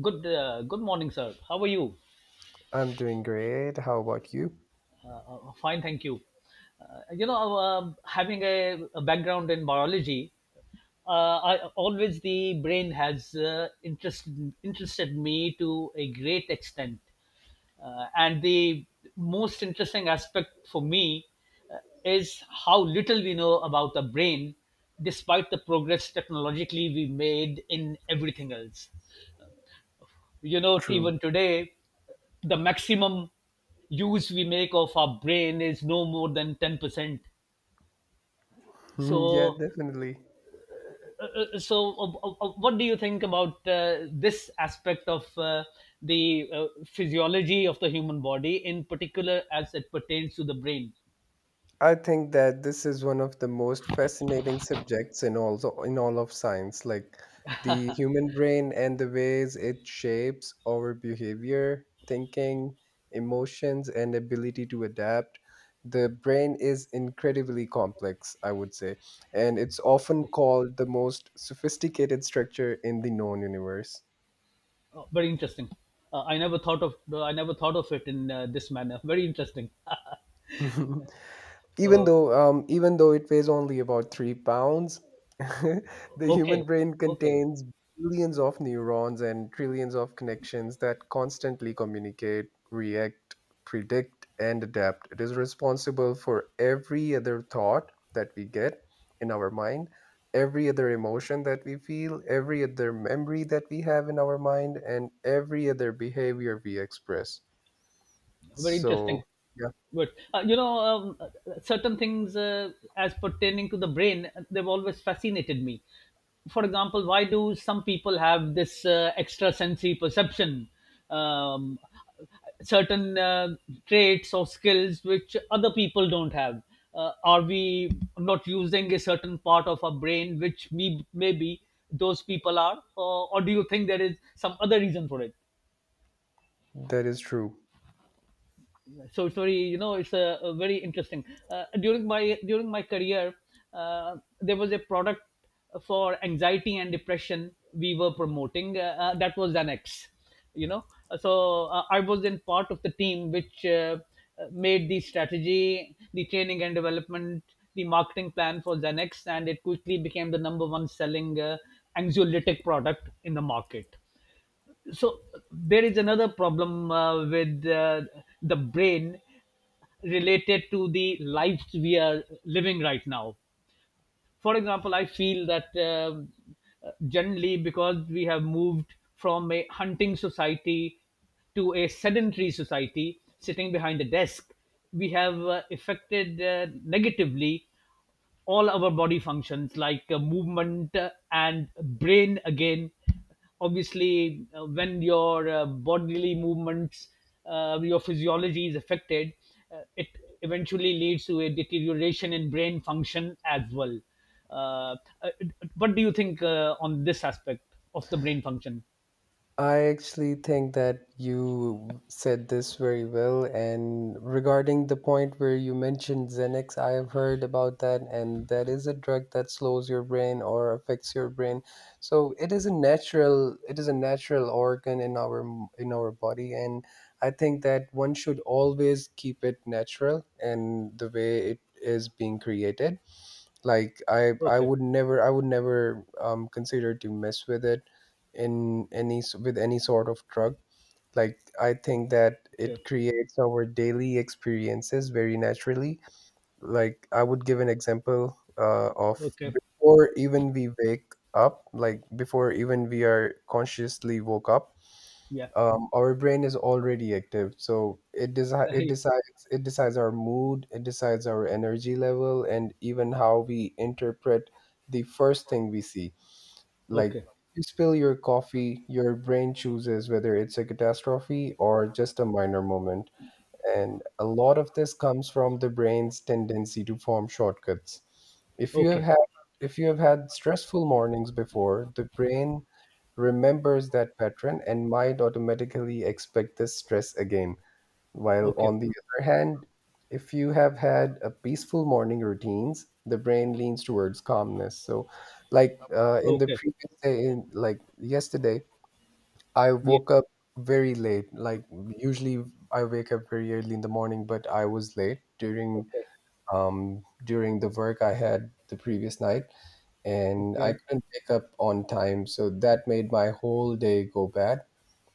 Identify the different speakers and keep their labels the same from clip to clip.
Speaker 1: Good morning, sir. How are you?
Speaker 2: I'm doing great. How about you?
Speaker 1: Uh, Fine, thank you. Having a background in biology, always the brain has interested me to a great extent, and the most interesting aspect for me uh, is how little we know about the brain, despite the progress technologically we made in everything else. You know,
Speaker 2: True.
Speaker 1: even today the maximum use we make of our brain is no more than 10%.
Speaker 2: Yeah,
Speaker 1: so
Speaker 2: definitely.
Speaker 1: uh, uh, so uh, uh, uh, what do you think about this aspect of the physiology of the human body, in particular as it pertains to the brain?
Speaker 2: I think that this is one of the most fascinating subjects in also in all of science, like the human brain and the ways it shapes our behavior, thinking, emotions, and ability to adapt. The brain is incredibly complex, I would say, and it's often called the most sophisticated structure in the known universe.
Speaker 1: Oh, very interesting. uh, i never thought of I never thought of it in this manner. Very interesting.
Speaker 2: even
Speaker 1: So,
Speaker 2: though um, even though it weighs only about 3 pounds, the
Speaker 1: okay,
Speaker 2: human brain
Speaker 1: okay.
Speaker 2: contains billions of neurons and trillions of connections that constantly communicate, react, predict, and adapt. It is responsible for every other thought that we get in our mind, every other emotion that we feel, every other memory that we have in our mind, and every other behavior we express.
Speaker 1: Very interesting.
Speaker 2: So, yeah,
Speaker 1: But certain things as pertaining to the brain, they've always fascinated me. For example, why do some people have this extra perception, um, certain traits or skills which other people don't have? Are we not using a certain part of our brain which me maybe those people are, or do you think there is some other reason for it?
Speaker 2: that is true.
Speaker 1: So it's very, you know, it's a very interesting… During my career, there was a product for anxiety and depression we were promoting, that was Xanax, you know. So I was in part of the team which made the strategy, the training and development, the marketing plan for Xanax, and it quickly became the number one selling anxiolytic product in the market. So there is another problem with the brain related to the lives we are living right now. For example, I feel that generally, because we have moved from a hunting society to a sedentary society sitting behind a desk, we have affected negatively all our body functions like movement, and brain again. Obviously when your bodily movements, your physiology, is affected, it eventually leads to a deterioration in brain function as well. uh, uh, what do you think on this aspect of the brain function?
Speaker 2: I actually think that you said this very well. And regarding the point where you mentioned Xanax, I have heard about that, and that is a drug that slows your brain or affects your brain. So it is a natural, it is a natural organ in our body, and I think that one should always keep it natural and the way it is being created. Like I
Speaker 1: Okay,
Speaker 2: would never, I would never consider to mess with it in any s- with any sort of drug. Like I think that it
Speaker 1: okay,
Speaker 2: creates our daily experiences very naturally. Like I would give an example of
Speaker 1: okay,
Speaker 2: before even we wake up, like before even we are consciously woke up.
Speaker 1: yeah.
Speaker 2: Our brain is already active, so it it
Speaker 1: Yeah.
Speaker 2: decides it decides our mood, it decides our energy level, and even how we interpret the first thing we see. Like if
Speaker 1: Okay,
Speaker 2: you spill your coffee, your brain chooses whether it's a catastrophe or just a minor moment, and a lot of this comes from the brain's tendency to form shortcuts. If you have
Speaker 1: okay,
Speaker 2: had if you have had stressful mornings before, the brain remembers that pattern and might automatically expect this stress again. While
Speaker 1: okay,
Speaker 2: on the other hand, if you have had a peaceful morning routines, the brain leans towards calmness. So, like in the
Speaker 1: okay,
Speaker 2: previous day, in, like yesterday, I
Speaker 1: yeah,
Speaker 2: woke up very late. Like usually I wake up very early in the morning, but I was late during
Speaker 1: okay,
Speaker 2: during the work I had the previous night, and I
Speaker 1: okay.
Speaker 2: couldn't wake up on time, so that made my whole day go bad.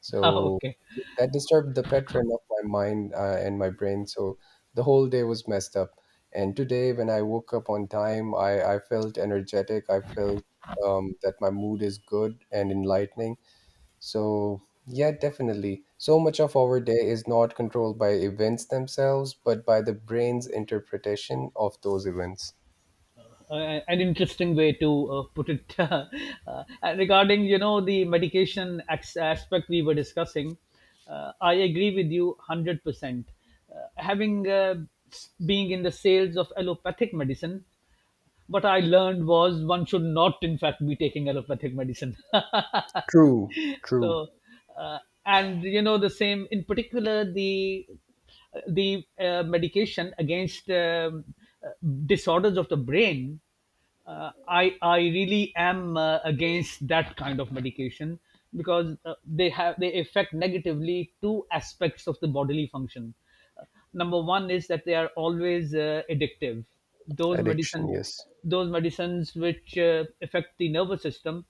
Speaker 2: So
Speaker 1: Okay.
Speaker 2: yeah, that disturbed the pattern of my mind and my brain. So the whole day was messed up. And today, when I woke up on time, I felt energetic. I felt that my mood is good and enlightening. So, yeah, definitely. So much of our day is not controlled by events themselves, but by the brain's interpretation of those events.
Speaker 1: An interesting way to put it. Regarding, you know, the medication aspect we were discussing, I agree with you 100%. Having being in the sales of allopathic medicine, what I learned was one should not, in fact, be taking allopathic medicine.
Speaker 2: True, true.
Speaker 1: So, uh, and you know, the same, in particular, the medication against uh, disorders of the brain, I really am against that kind of medication, because they affect negatively two aspects of the bodily function. Number one is that they are always addictive, those
Speaker 2: Addiction,
Speaker 1: medicines.
Speaker 2: yes.
Speaker 1: Those medicines which affect the nervous system,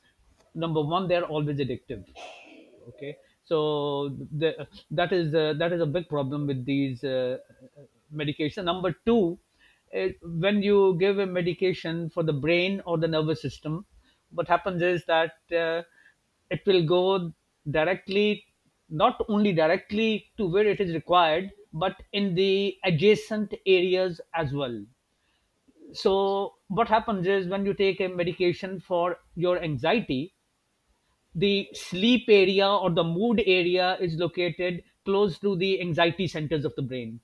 Speaker 1: number one, they are always addictive. Okay. So that is a big problem with these medication. Number 2, when you give a medication for the brain or the nervous system, what happens is that it will go directly, not only directly to where it is required, but in the adjacent areas as well. So what happens is, when you take a medication for your anxiety, the sleep area or the mood area is located close to the anxiety centers of the brain.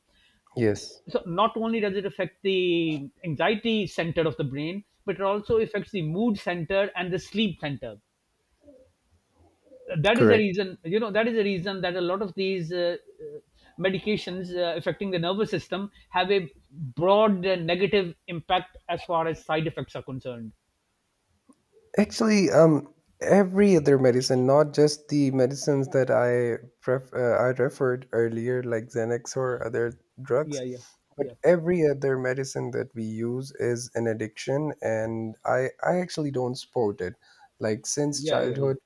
Speaker 2: Yes,
Speaker 1: So, not only does it affect the anxiety center of the brain, but it also affects the mood center and the sleep center. That is the
Speaker 2: correct.
Speaker 1: reason, you know, that is the reason that a lot of these medications affecting the nervous system have a broad negative impact as far as side effects are concerned.
Speaker 2: Actually, every other medicine, not just the medicines that I referred earlier, like Xanax or other drugs,
Speaker 1: Yeah, yeah,
Speaker 2: but
Speaker 1: yeah,
Speaker 2: every other medicine that we use is an addiction, and I actually don't support it. Like
Speaker 1: yeah, yeah, yeah.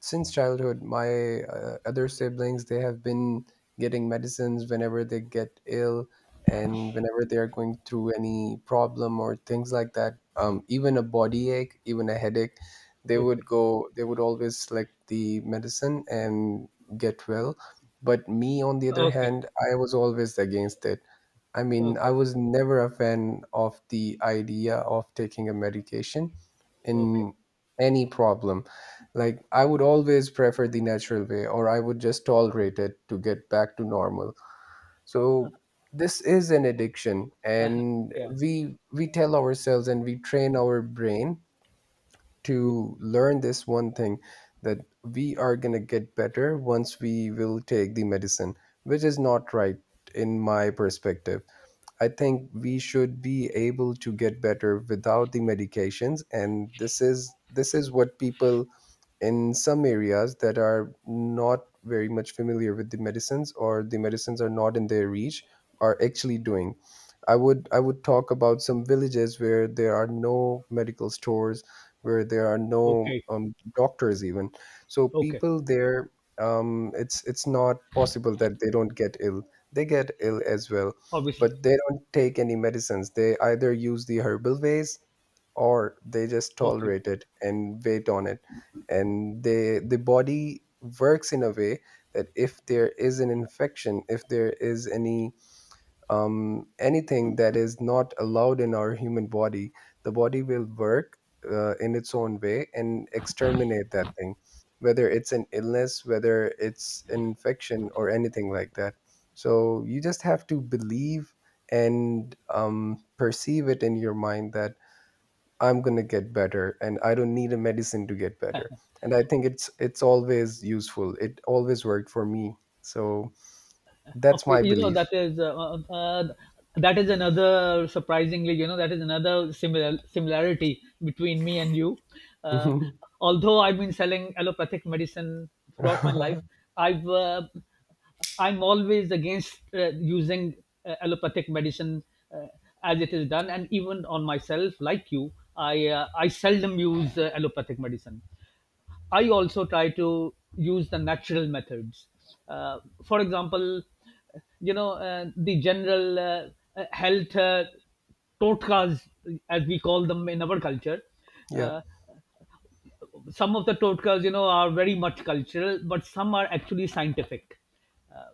Speaker 2: since childhood, my other siblings, they have been getting medicines whenever they get ill, and whenever they are going through any problem or things like that, even a body ache, even a headache,
Speaker 1: Okay,
Speaker 2: they would always select the medicine and get well. But me on the other
Speaker 1: okay,
Speaker 2: hand, I was always against it. I mean, I
Speaker 1: okay,
Speaker 2: was never a fan of the idea of taking a medication
Speaker 1: okay.
Speaker 2: in any problem. Like I would always prefer the natural way, or I would just tolerate it to get back to normal. So this is an addiction, and
Speaker 1: Yeah.
Speaker 2: we tell ourselves and we train our brain
Speaker 1: Yeah.
Speaker 2: to learn this one thing, that we are going to get better once we will take the medicine, which is not right in my perspective. I think we should be able to get better without the medications, and this is what people in some areas that are not very much familiar with the medicines, or the medicines are not in their reach, are actually doing. I would talk about some villages where there are no medical stores, where there are no
Speaker 1: Okay.
Speaker 2: doctors even. So
Speaker 1: Okay.
Speaker 2: people there, it's not possible that they don't get ill. They get ill as well,
Speaker 1: Obviously.
Speaker 2: but they don't take any medicines. They either use the herbal ways or they just
Speaker 1: Okay.
Speaker 2: tolerate it and wait on it. And they, the body works in a way that if there is an infection, if there is any anything that is not allowed in our human body, the body will work in its own way and exterminate that thing, whether it's an illness, whether it's an infection, or anything like that. So you just have to believe and perceive it in your mind that I'm gonna get better, and I don't need a medicine to get better. And I think it's always useful. It always worked for me. So that's
Speaker 1: Okay.
Speaker 2: my
Speaker 1: You know,
Speaker 2: belief.
Speaker 1: that is another, surprisingly, you know, that is another similarity between me and you. Uh, Although I've been selling allopathic medicine throughout my life, I've, uh, I'm always against using allopathic medicine uh, as it is done, and even on myself, like you, I seldom use allopathic medicine. I also try to use the natural methods. Uh, for example, you know, the general health totkas, as we call them in our culture.
Speaker 2: Yeah.
Speaker 1: Uh, some of the totkas, you know, are very much cultural, but some are actually scientific. uh,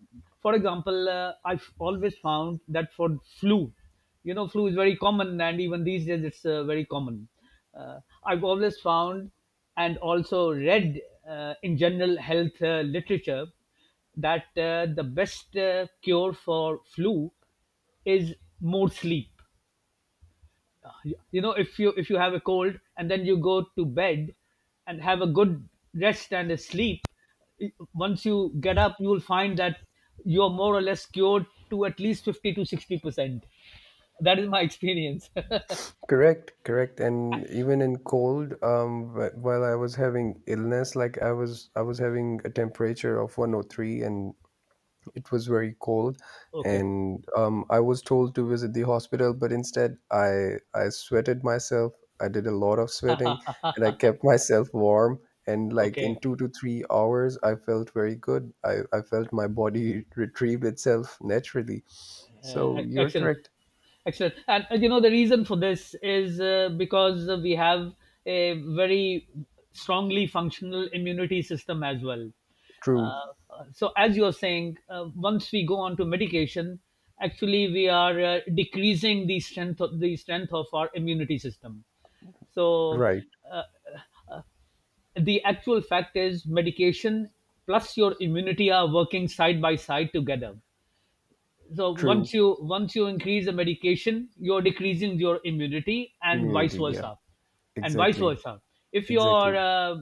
Speaker 1: for example, I've always found that for flu, you know, flu is very common, and even these days it's very common. uh, I've always found, and also read in general health literature, that the best cure for flu is more sleep. You know, if you, if you have a cold and then you go to bed and have a good rest and a sleep, once you get up you will find that you're more or less cured to at least 50 to 60 percent. That is my experience.
Speaker 2: Correct, correct. And even in cold, while I was having illness, like I was having a temperature of 103, and it was very cold.
Speaker 1: Okay,
Speaker 2: And I was told to visit the hospital, but instead I sweated myself. I did a lot of sweating and I kept myself warm. And like in
Speaker 1: okay.
Speaker 2: 2 to 3 hours, I felt very good. I felt my body retrieve itself naturally.
Speaker 1: uh,
Speaker 2: So you're
Speaker 1: excellent
Speaker 2: correct.
Speaker 1: Excellent. And you know, the reason for this is because we have a very strongly functional immunity system as well. Uh,
Speaker 2: True.
Speaker 1: so, as you're saying, once we go on to medication, actually we are decreasing the strength of our immunity system. So,
Speaker 2: Right.
Speaker 1: the actual fact is, medication plus your immunity are working side by side together. So once
Speaker 2: True.
Speaker 1: you, once you increase the medication you're decreasing your immunity, and vice
Speaker 2: Immunity. Yeah.
Speaker 1: versa. And vice
Speaker 2: Exactly,
Speaker 1: versa, if you're
Speaker 2: exactly.
Speaker 1: uh,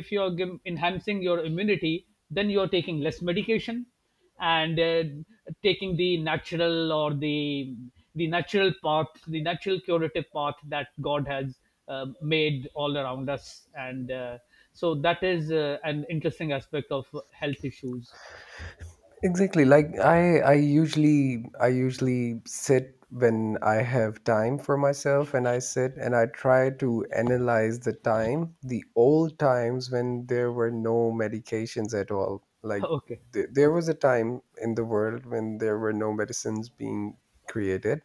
Speaker 1: if you're gim- enhancing your immunity, then you're taking less medication, and taking the natural, or the natural path, the natural curative path that God has made all around us. And So that is an interesting aspect of health issues.
Speaker 2: Exactly. Like I usually, I usually sit when I have time for myself, and I sit and I try to analyze the time, the old times when there were no medications at all. Like
Speaker 1: Okay,
Speaker 2: there
Speaker 1: okay,
Speaker 2: was a time in the world when there were no medicines being created,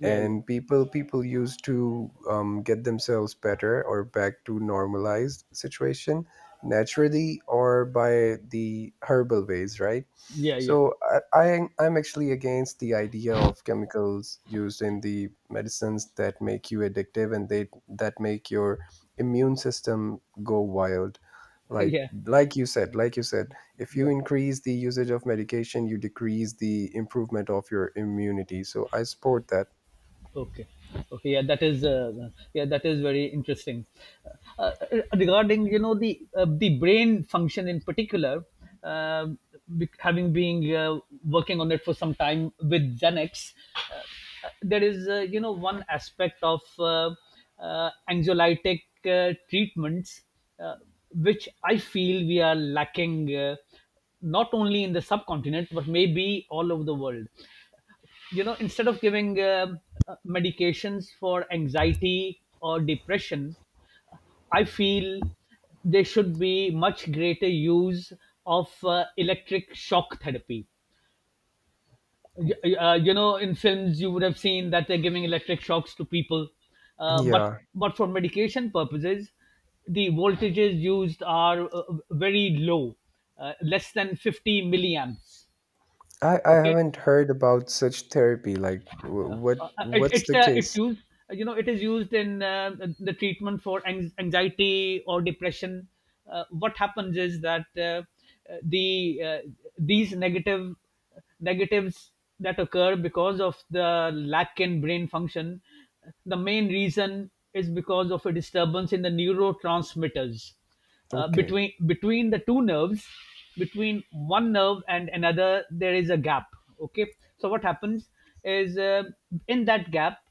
Speaker 1: yeah, yeah,
Speaker 2: and people used to get themselves better or back to normalized situation naturally or by the herbal ways, right?
Speaker 1: yeah, yeah.
Speaker 2: So I'm actually against the idea of chemicals used in the medicines that make you addictive, and they that make your immune system go wild. Like,
Speaker 1: Yeah,
Speaker 2: like you said, if you
Speaker 1: yeah,
Speaker 2: increase the usage of medication, you decrease the improvement of your immunity. So I support that.
Speaker 1: okay, okay, yeah, that is yeah, that is very interesting. uh, uh, Regarding, you know, the brain function, in particular, um, having been working on it for some time with Xanax, there is you know, one aspect of anxiolytic treatments, uh, which I feel we are lacking not only in the subcontinent but maybe all over the world. You know, instead of giving medications for anxiety or depression, I feel there should be much greater use of electric shock therapy. You know, in films you would have seen that they're giving electric shocks to people, uh, but
Speaker 2: Yeah,
Speaker 1: but for medication purposes the voltages used are very low, less than 50 milliamps.
Speaker 2: I
Speaker 1: Okay.
Speaker 2: haven't heard about such therapy. Like what's the
Speaker 1: It's it's
Speaker 2: case?
Speaker 1: used you know, it is used in the treatment for anxiety or depression. What happens is that uh, the uh, these negatives that occur because of the lack in brain function, the main reason is because of a disturbance in the neurotransmitters
Speaker 2: Okay,
Speaker 1: between the two nerves. Between one nerve and another there is a gap, okay. So what happens is in that gap,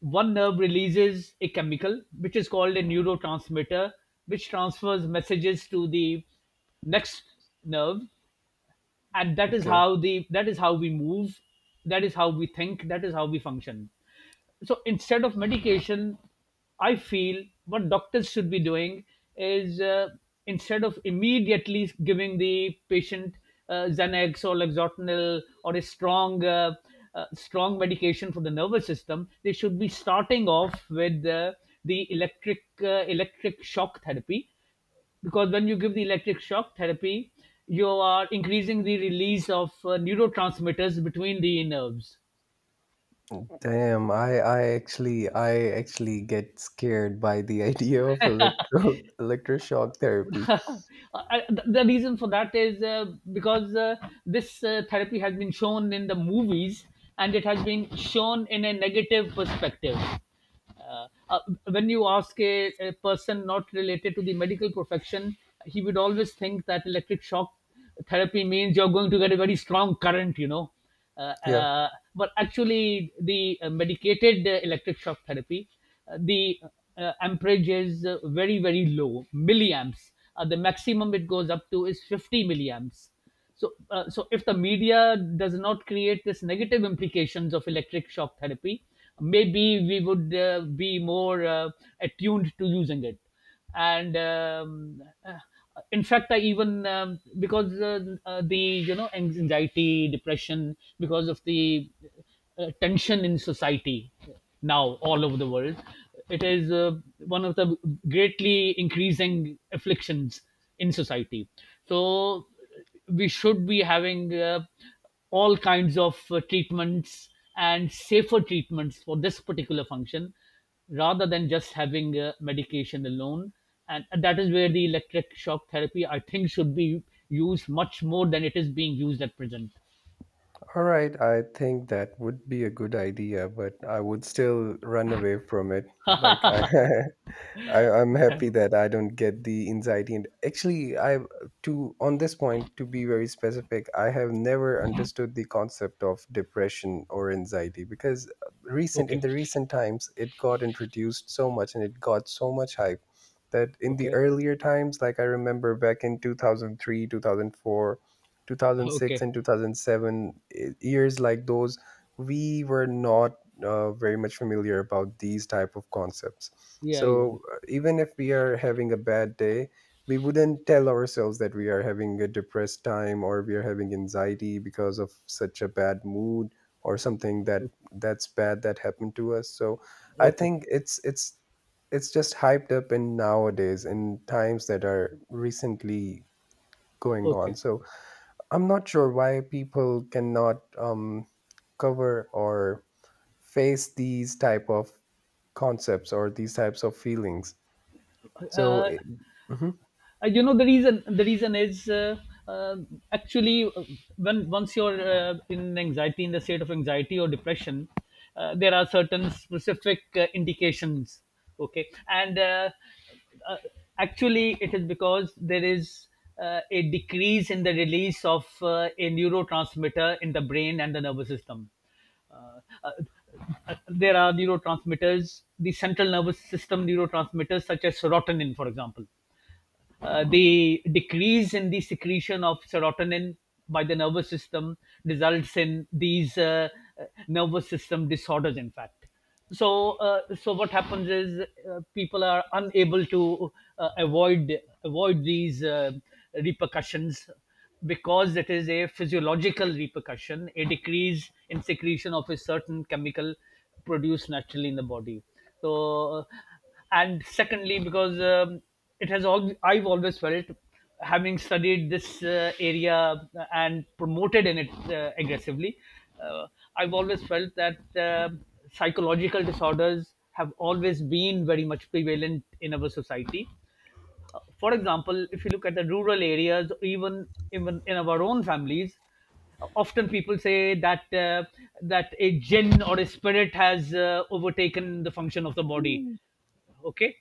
Speaker 1: one nerve releases a chemical which is called a neurotransmitter, which transfers messages to the next nerve. And that is
Speaker 2: okay.
Speaker 1: how the that is how we move, that is how we think, that is how we function. So instead of medication, I feel what doctors should be doing is instead of immediately giving the patient Xanax or Lexotinil or a strong strong medication for the nervous system, they should be starting off with the electric, electric shock therapy. Because when you give the electric shock therapy, you are increasing the release of neurotransmitters between the nerves.
Speaker 2: Damn, I actually, I actually get scared by the idea of electro electroshock therapy.
Speaker 1: The reason for that is because this therapy has been shown in the movies, and it has been shown in a negative perspective. Uh, uh, when you ask a person not related to the medical profession, he would always think that electric shock therapy means you're going to get a very strong current, you know. uh,
Speaker 2: Yeah.
Speaker 1: uh, but actually the medicated electric shock therapy, the amperage is very very low milliamps. The maximum it goes up to is 50 milliamps. So if the media does not create this negative implications of electric shock therapy, maybe we would be more attuned to using it. And In fact, I even because the you know, anxiety, depression, because of the tension in society now all over the world, it is one of the greatly increasing afflictions in society. So we should be having all kinds of treatments and safer treatments for this particular function, rather than just having medication alone. And that is where the electric shock therapy, I think, should be used much more than it is being used at present.
Speaker 2: All right, I think that would be a good idea, but I would still run away from it. Like I, I'm happy that I don't get the anxiety. And actually, I, to on this point, to be very specific, I have never understood the concept of depression or anxiety because recent, in
Speaker 1: Okay.
Speaker 2: the recent times it got introduced so much and it got so much hype, that in the
Speaker 1: Okay.
Speaker 2: earlier times, like I remember back in 2003, 2004, 2006,
Speaker 1: Okay.
Speaker 2: and 2007, years like those, we were not very much familiar about these type of concepts.
Speaker 1: Yeah, yeah.
Speaker 2: So even if we are having a bad day, we wouldn't tell ourselves that we are having a depressed time, or we are having anxiety because of such a bad mood or something that
Speaker 1: Okay.
Speaker 2: that's bad that happened to us. So I
Speaker 1: Okay.
Speaker 2: think it's just hyped up in nowadays in times that are recently going on.
Speaker 1: Okay.
Speaker 2: So I'm not sure why people cannot cover or face these type of concepts or these types of feelings. So
Speaker 1: uh,
Speaker 2: it, mhm,
Speaker 1: You know the reason. The reason is uh, actually, when once you're in anxiety, in the state of anxiety or depression, there are certain specific indications. Okay. And uh, uh, actually, it is because there is a decrease in the release of a neurotransmitter in the brain and the nervous system. Uh, uh, there are neurotransmitters, the central nervous system neurotransmitters such as serotonin, for example. The decrease in the secretion of serotonin by the nervous system results in these nervous system disorders, in fact. So what happens is, people are unable to avoid these repercussions, because it is a physiological repercussion, a decrease in secretion of a certain chemical produced naturally in the body. So, and secondly, because it has all I've always felt, having studied this area and promoted in it aggressively, uh, I've always felt that uh, psychological disorders have always been very much prevalent in our society. For example, if you look at the rural areas, even in our own families, often people say that that a jinn or a spirit has overtaken the function of the body.
Speaker 2: Mm.
Speaker 1: Okay.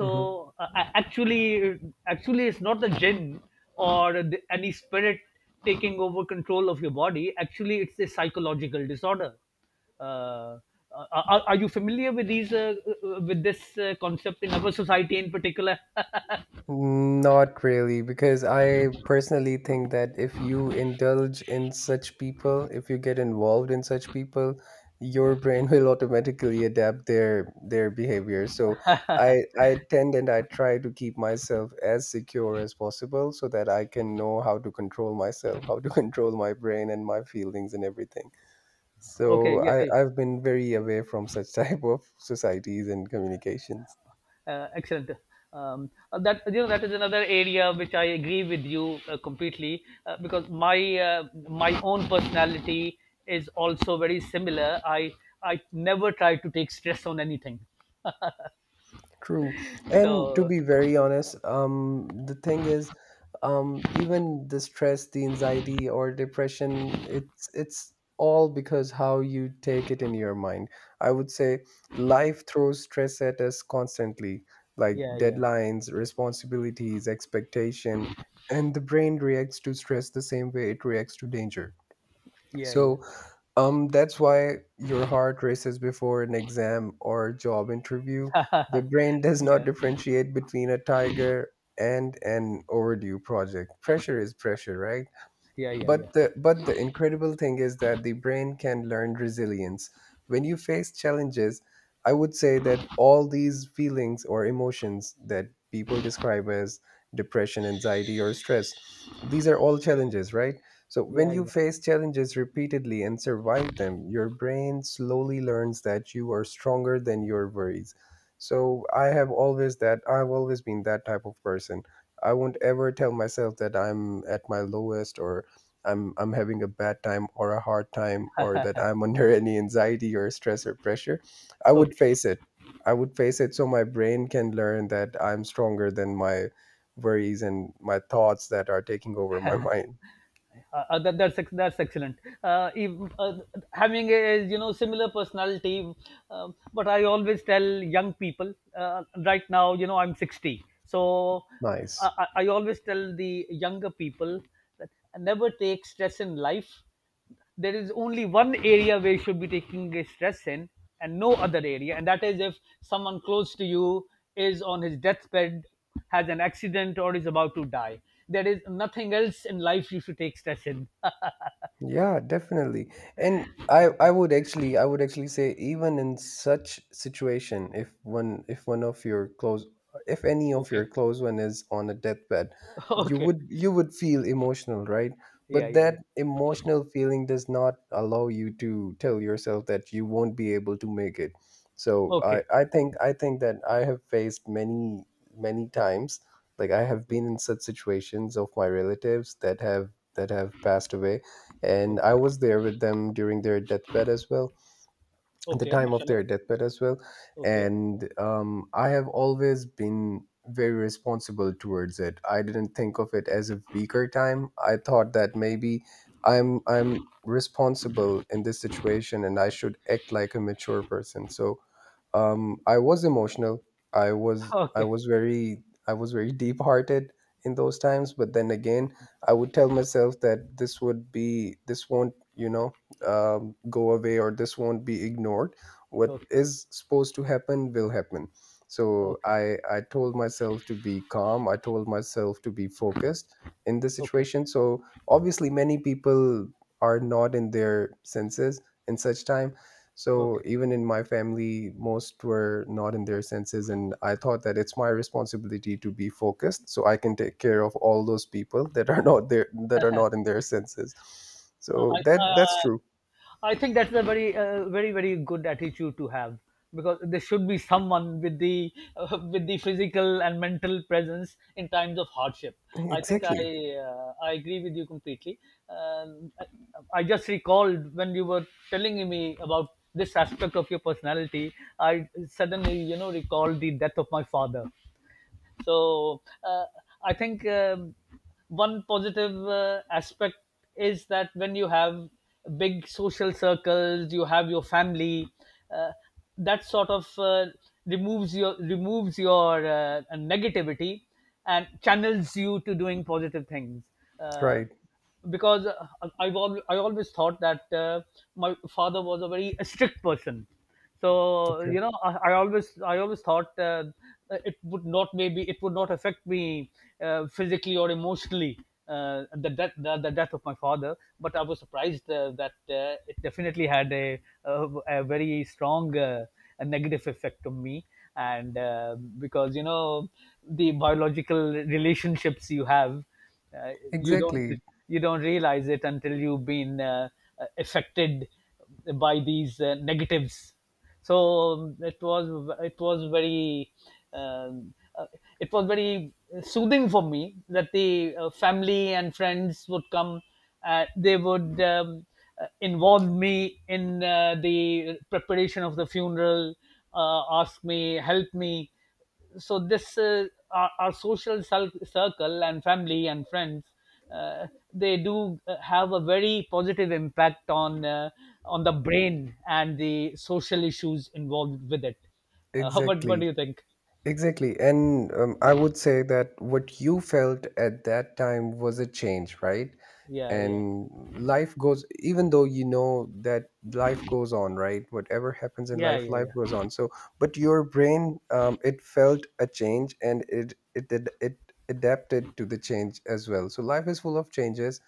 Speaker 2: Mhm.
Speaker 1: actually, actually it's not the jinn or the any spirit taking over control of your body. Actually, it's a psychological disorder. uh, are you familiar with these with this concept in our society in particular?
Speaker 2: Not really, because I personally think that if you indulge in such people, if you get involved in such people, your brain will automatically adapt their behavior. So i tend and I try to keep myself as secure as possible, so that I can know how to control myself, how to control my brain and my feelings and everything. So
Speaker 1: Okay. Yeah, hey.
Speaker 2: I've been very away from such type of societies and communications.
Speaker 1: Excellent. That, you know, that is another area which I agree with you completely, because my my own personality is also very similar. I never try to take stress on anything.
Speaker 2: True. And to
Speaker 1: So
Speaker 2: be very honest, the thing is, even the stress, the anxiety or depression, it's all because how you take it in your mind. I would say life throws stress at us constantly, like
Speaker 1: yeah, yeah,
Speaker 2: deadlines, responsibilities, expectation, and the brain reacts to stress the same way it reacts to danger.
Speaker 1: yeah, yeah,
Speaker 2: So that's why your heart races before an exam or job interview. The brain does not
Speaker 1: yeah, yeah,
Speaker 2: differentiate between a tiger and an overdue project. Pressure is pressure, right?
Speaker 1: yeah, yeah,
Speaker 2: But the, but the incredible thing is that the brain can learn resilience. When you face challenges, I would say that all these feelings or emotions that people describe as depression, anxiety, or stress, these are all challenges, right? So when
Speaker 1: yeah,
Speaker 2: you
Speaker 1: yeah.
Speaker 2: face challenges repeatedly and survive them, your brain slowly learns that you are stronger than your worries. I've always been that type of person. I won't ever tell myself that I'm at my lowest or I'm having a bad time or a hard time or that I'm under any anxiety or stress or pressure. I would
Speaker 1: Okay.
Speaker 2: face it. I would face it so my brain can learn that I'm stronger than my worries and my thoughts that are taking over my mind.
Speaker 1: That's that's excellent. If, Having a, you know, similar personality, but I always tell young people right now, you know, I'm 60, so
Speaker 2: Nice.
Speaker 1: I always tell the younger people that never take stress in life. There is only one area where you should be taking a stress in, and no other area, and that is if someone close to you is on his deathbed, has an accident, or is about to die. There is nothing else in life you should take stress in.
Speaker 2: Yeah, definitely. And I would actually say even in such situation if one of your close if any of your
Speaker 1: Okay.
Speaker 2: close one is on a deathbed,
Speaker 1: Okay.
Speaker 2: you would feel emotional, right?
Speaker 1: Yeah,
Speaker 2: But
Speaker 1: yeah,
Speaker 2: that
Speaker 1: yeah.
Speaker 2: emotional feeling does not allow you to tell yourself that you won't be able to make it. So
Speaker 1: Okay.
Speaker 2: I think that I have faced many many times, like I have
Speaker 1: Okay.
Speaker 2: been in such situations of my relatives that have passed away, and I
Speaker 1: Okay.
Speaker 2: was there with them during their deathbed as well, the
Speaker 1: Okay,
Speaker 2: time of
Speaker 1: mashallah.
Speaker 2: their deathbed as well.
Speaker 1: Okay.
Speaker 2: And I have always been very responsible towards it. I didn't think of it as a weaker time. I thought that maybe I'm responsible in this situation and I should act like a mature person. So I was emotional.
Speaker 1: Okay.
Speaker 2: I was very deep hearted in those times, but then again I would tell myself that this would be this won't go away, or this won't be ignored. What
Speaker 1: Okay.
Speaker 2: is supposed to happen will happen. So
Speaker 1: Okay.
Speaker 2: I told myself to be calm, I told myself to be focused in this
Speaker 1: Okay.
Speaker 2: situation. So obviously many people are not in their senses in such time. So
Speaker 1: Okay.
Speaker 2: even in my family, most were not in their senses, and I thought that it's my responsibility to be focused, so I can take care of all those people that are not there, that are not in their senses. So that that's true.
Speaker 1: I think that's a very, very good attitude to have, because there should be someone with the with the physical and mental presence in times of hardship. I think
Speaker 2: Exactly.
Speaker 1: I agree with you completely. Um, I, I just recalled, when you were telling me about this aspect of your personality, I suddenly, you know, recalled the death of my father. so uh, I think one positive aspect is that when you have big social circles, you have your family. Uh, that sort of removes your negativity and channels you to doing positive things. Uh,
Speaker 2: Right.
Speaker 1: because uh, I always thought that my father was a very strict person, so
Speaker 2: Okay.
Speaker 1: you know, I always thought it would not, maybe it would not, affect me physically or emotionally, the death of my father, but I was surprised that it definitely had a, a very strong a negative effect on me. And because, you know, the biological relationships you have, uh, you don't,
Speaker 2: Exactly.
Speaker 1: you don't realize it until you've been affected by these negatives. So it was, um, uh, it was very soothing for me that the family and friends would come. They would involve me in the preparation of the funeral, ask me, help me. So this our social circle and family and friends uh, they do have a very positive impact on the brain and the social issues involved with it. What do
Speaker 2: Exactly.
Speaker 1: you think?
Speaker 2: Exactly. And I would say that what you felt at that time was a change, right?
Speaker 1: Yeah, yeah,
Speaker 2: And life goes, even though you know that life goes on, right? Whatever happens in
Speaker 1: yeah,
Speaker 2: life,
Speaker 1: yeah,
Speaker 2: life goes
Speaker 1: yeah,
Speaker 2: on. So, but your brain, it felt a change and it adapted to the change as well. So, life is full of changes,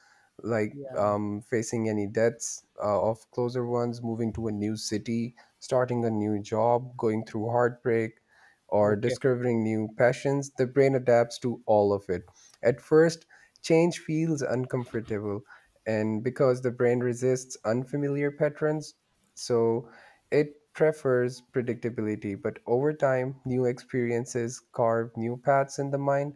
Speaker 2: like
Speaker 1: yeah.
Speaker 2: facing any deaths of closer ones, moving to a new city, starting a new job, going through heartbreak or
Speaker 1: Okay.
Speaker 2: discovering new passions. The brain adapts to all of it. At first, change feels uncomfortable, and because the brain resists unfamiliar patterns, so it prefers predictability. But over time, new experiences carve new paths in the mind.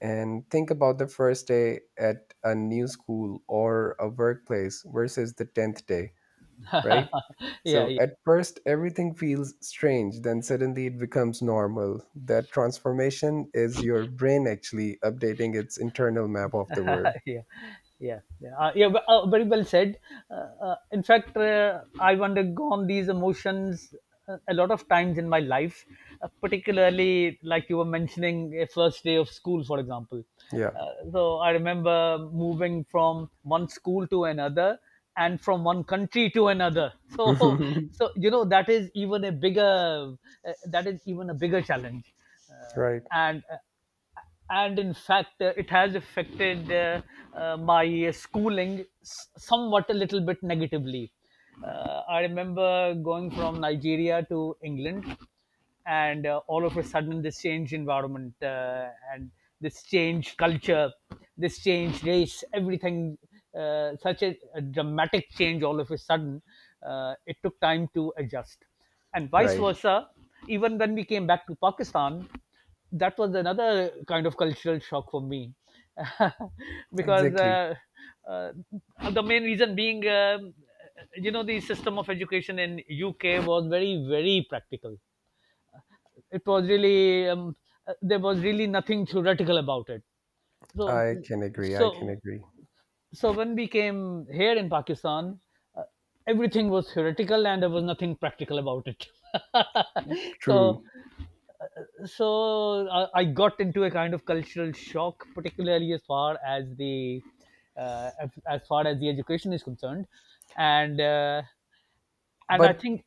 Speaker 2: And think about the first day at a new school or a workplace versus the 10th day, right?
Speaker 1: Yeah,
Speaker 2: So
Speaker 1: yeah.
Speaker 2: at first, everything feels strange, then suddenly it becomes normal. That transformation is your brain actually updating its internal map of the world.
Speaker 1: Yeah, yeah, yeah, yeah, but, very well said. In fact, I've undergone these emotions a lot of times in my life, particularly like you were mentioning, a first day of school, for example.
Speaker 2: Yeah.
Speaker 1: So I remember moving from one school to another, and from one country to another. So, so you know, that is even a bigger that is even a bigger challenge, uh,
Speaker 2: Right.
Speaker 1: and. Uh, and in fact, it has affected my schooling somewhat a little bit negatively. I remember going from Nigeria to England, and all of a sudden, this changed environment, and this changed culture, this changed race, everything. Such a dramatic change all of a sudden, it took time to adjust, and vice
Speaker 2: Right.
Speaker 1: versa. Even when we came back to Pakistan, that was another kind of cultural shock for me, because
Speaker 2: Exactly.
Speaker 1: uh, the main reason being, you know, the system of education in UK was very very practical. It was really there was really nothing theoretical about it. So,
Speaker 2: I can agree. I can
Speaker 1: so,
Speaker 2: agree.
Speaker 1: so when we came here in Pakistan, uh, everything was theoretical and there was nothing practical about it. So,
Speaker 2: True.
Speaker 1: so I got into a kind of cultural shock, particularly as far as the as far as the education is concerned. And uh, and I
Speaker 2: But
Speaker 1: think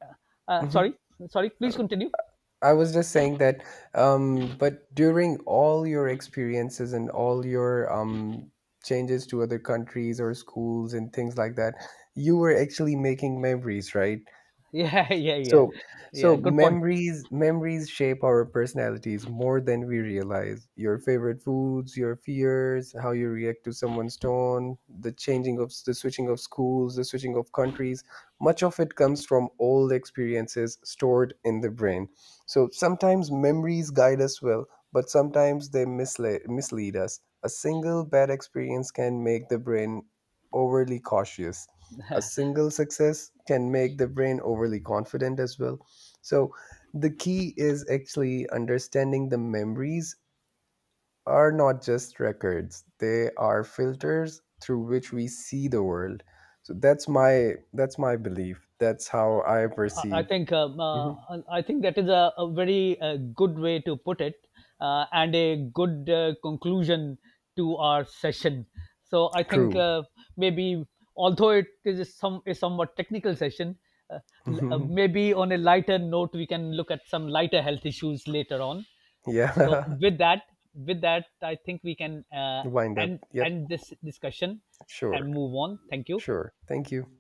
Speaker 2: mhm.
Speaker 1: sorry, sorry,
Speaker 2: Uh,
Speaker 1: please continue.
Speaker 2: I was just saying that, but during all your experiences and all your changes to other countries or schools and things like that, you were actually making memories, right?
Speaker 1: Yeah, yeah, yeah,
Speaker 2: So,
Speaker 1: yeah,
Speaker 2: so
Speaker 1: good point.
Speaker 2: memories shape our personalities more than we realize. Your favorite foods, your fears, how you react to someone's tone, the changing of the switching of schools, the switching of countries, much of it comes from old experiences stored in the brain. So sometimes memories guide us well, but sometimes they mislead us. A single bad experience can make the brain overly cautious. A single success can make the brain overly confident as well. So, the key is actually understanding the memories are not just records, they are filters through which we see the world. So that's my belief. That's how I
Speaker 1: I I
Speaker 2: perceive.
Speaker 1: think um, uh,
Speaker 2: Mhm.
Speaker 1: I think that is a very good way to put it, and a good conclusion to our session. So I think
Speaker 2: True.
Speaker 1: maybe, although it is somewhat technical session, uh, maybe on a lighter note we can look at some lighter health issues later on. So
Speaker 2: Yeah.
Speaker 1: with that, I think we can
Speaker 2: Wind up. Yep.
Speaker 1: end this discussion and
Speaker 2: Sure.
Speaker 1: move on. Thank you.
Speaker 2: Sure. Thank you.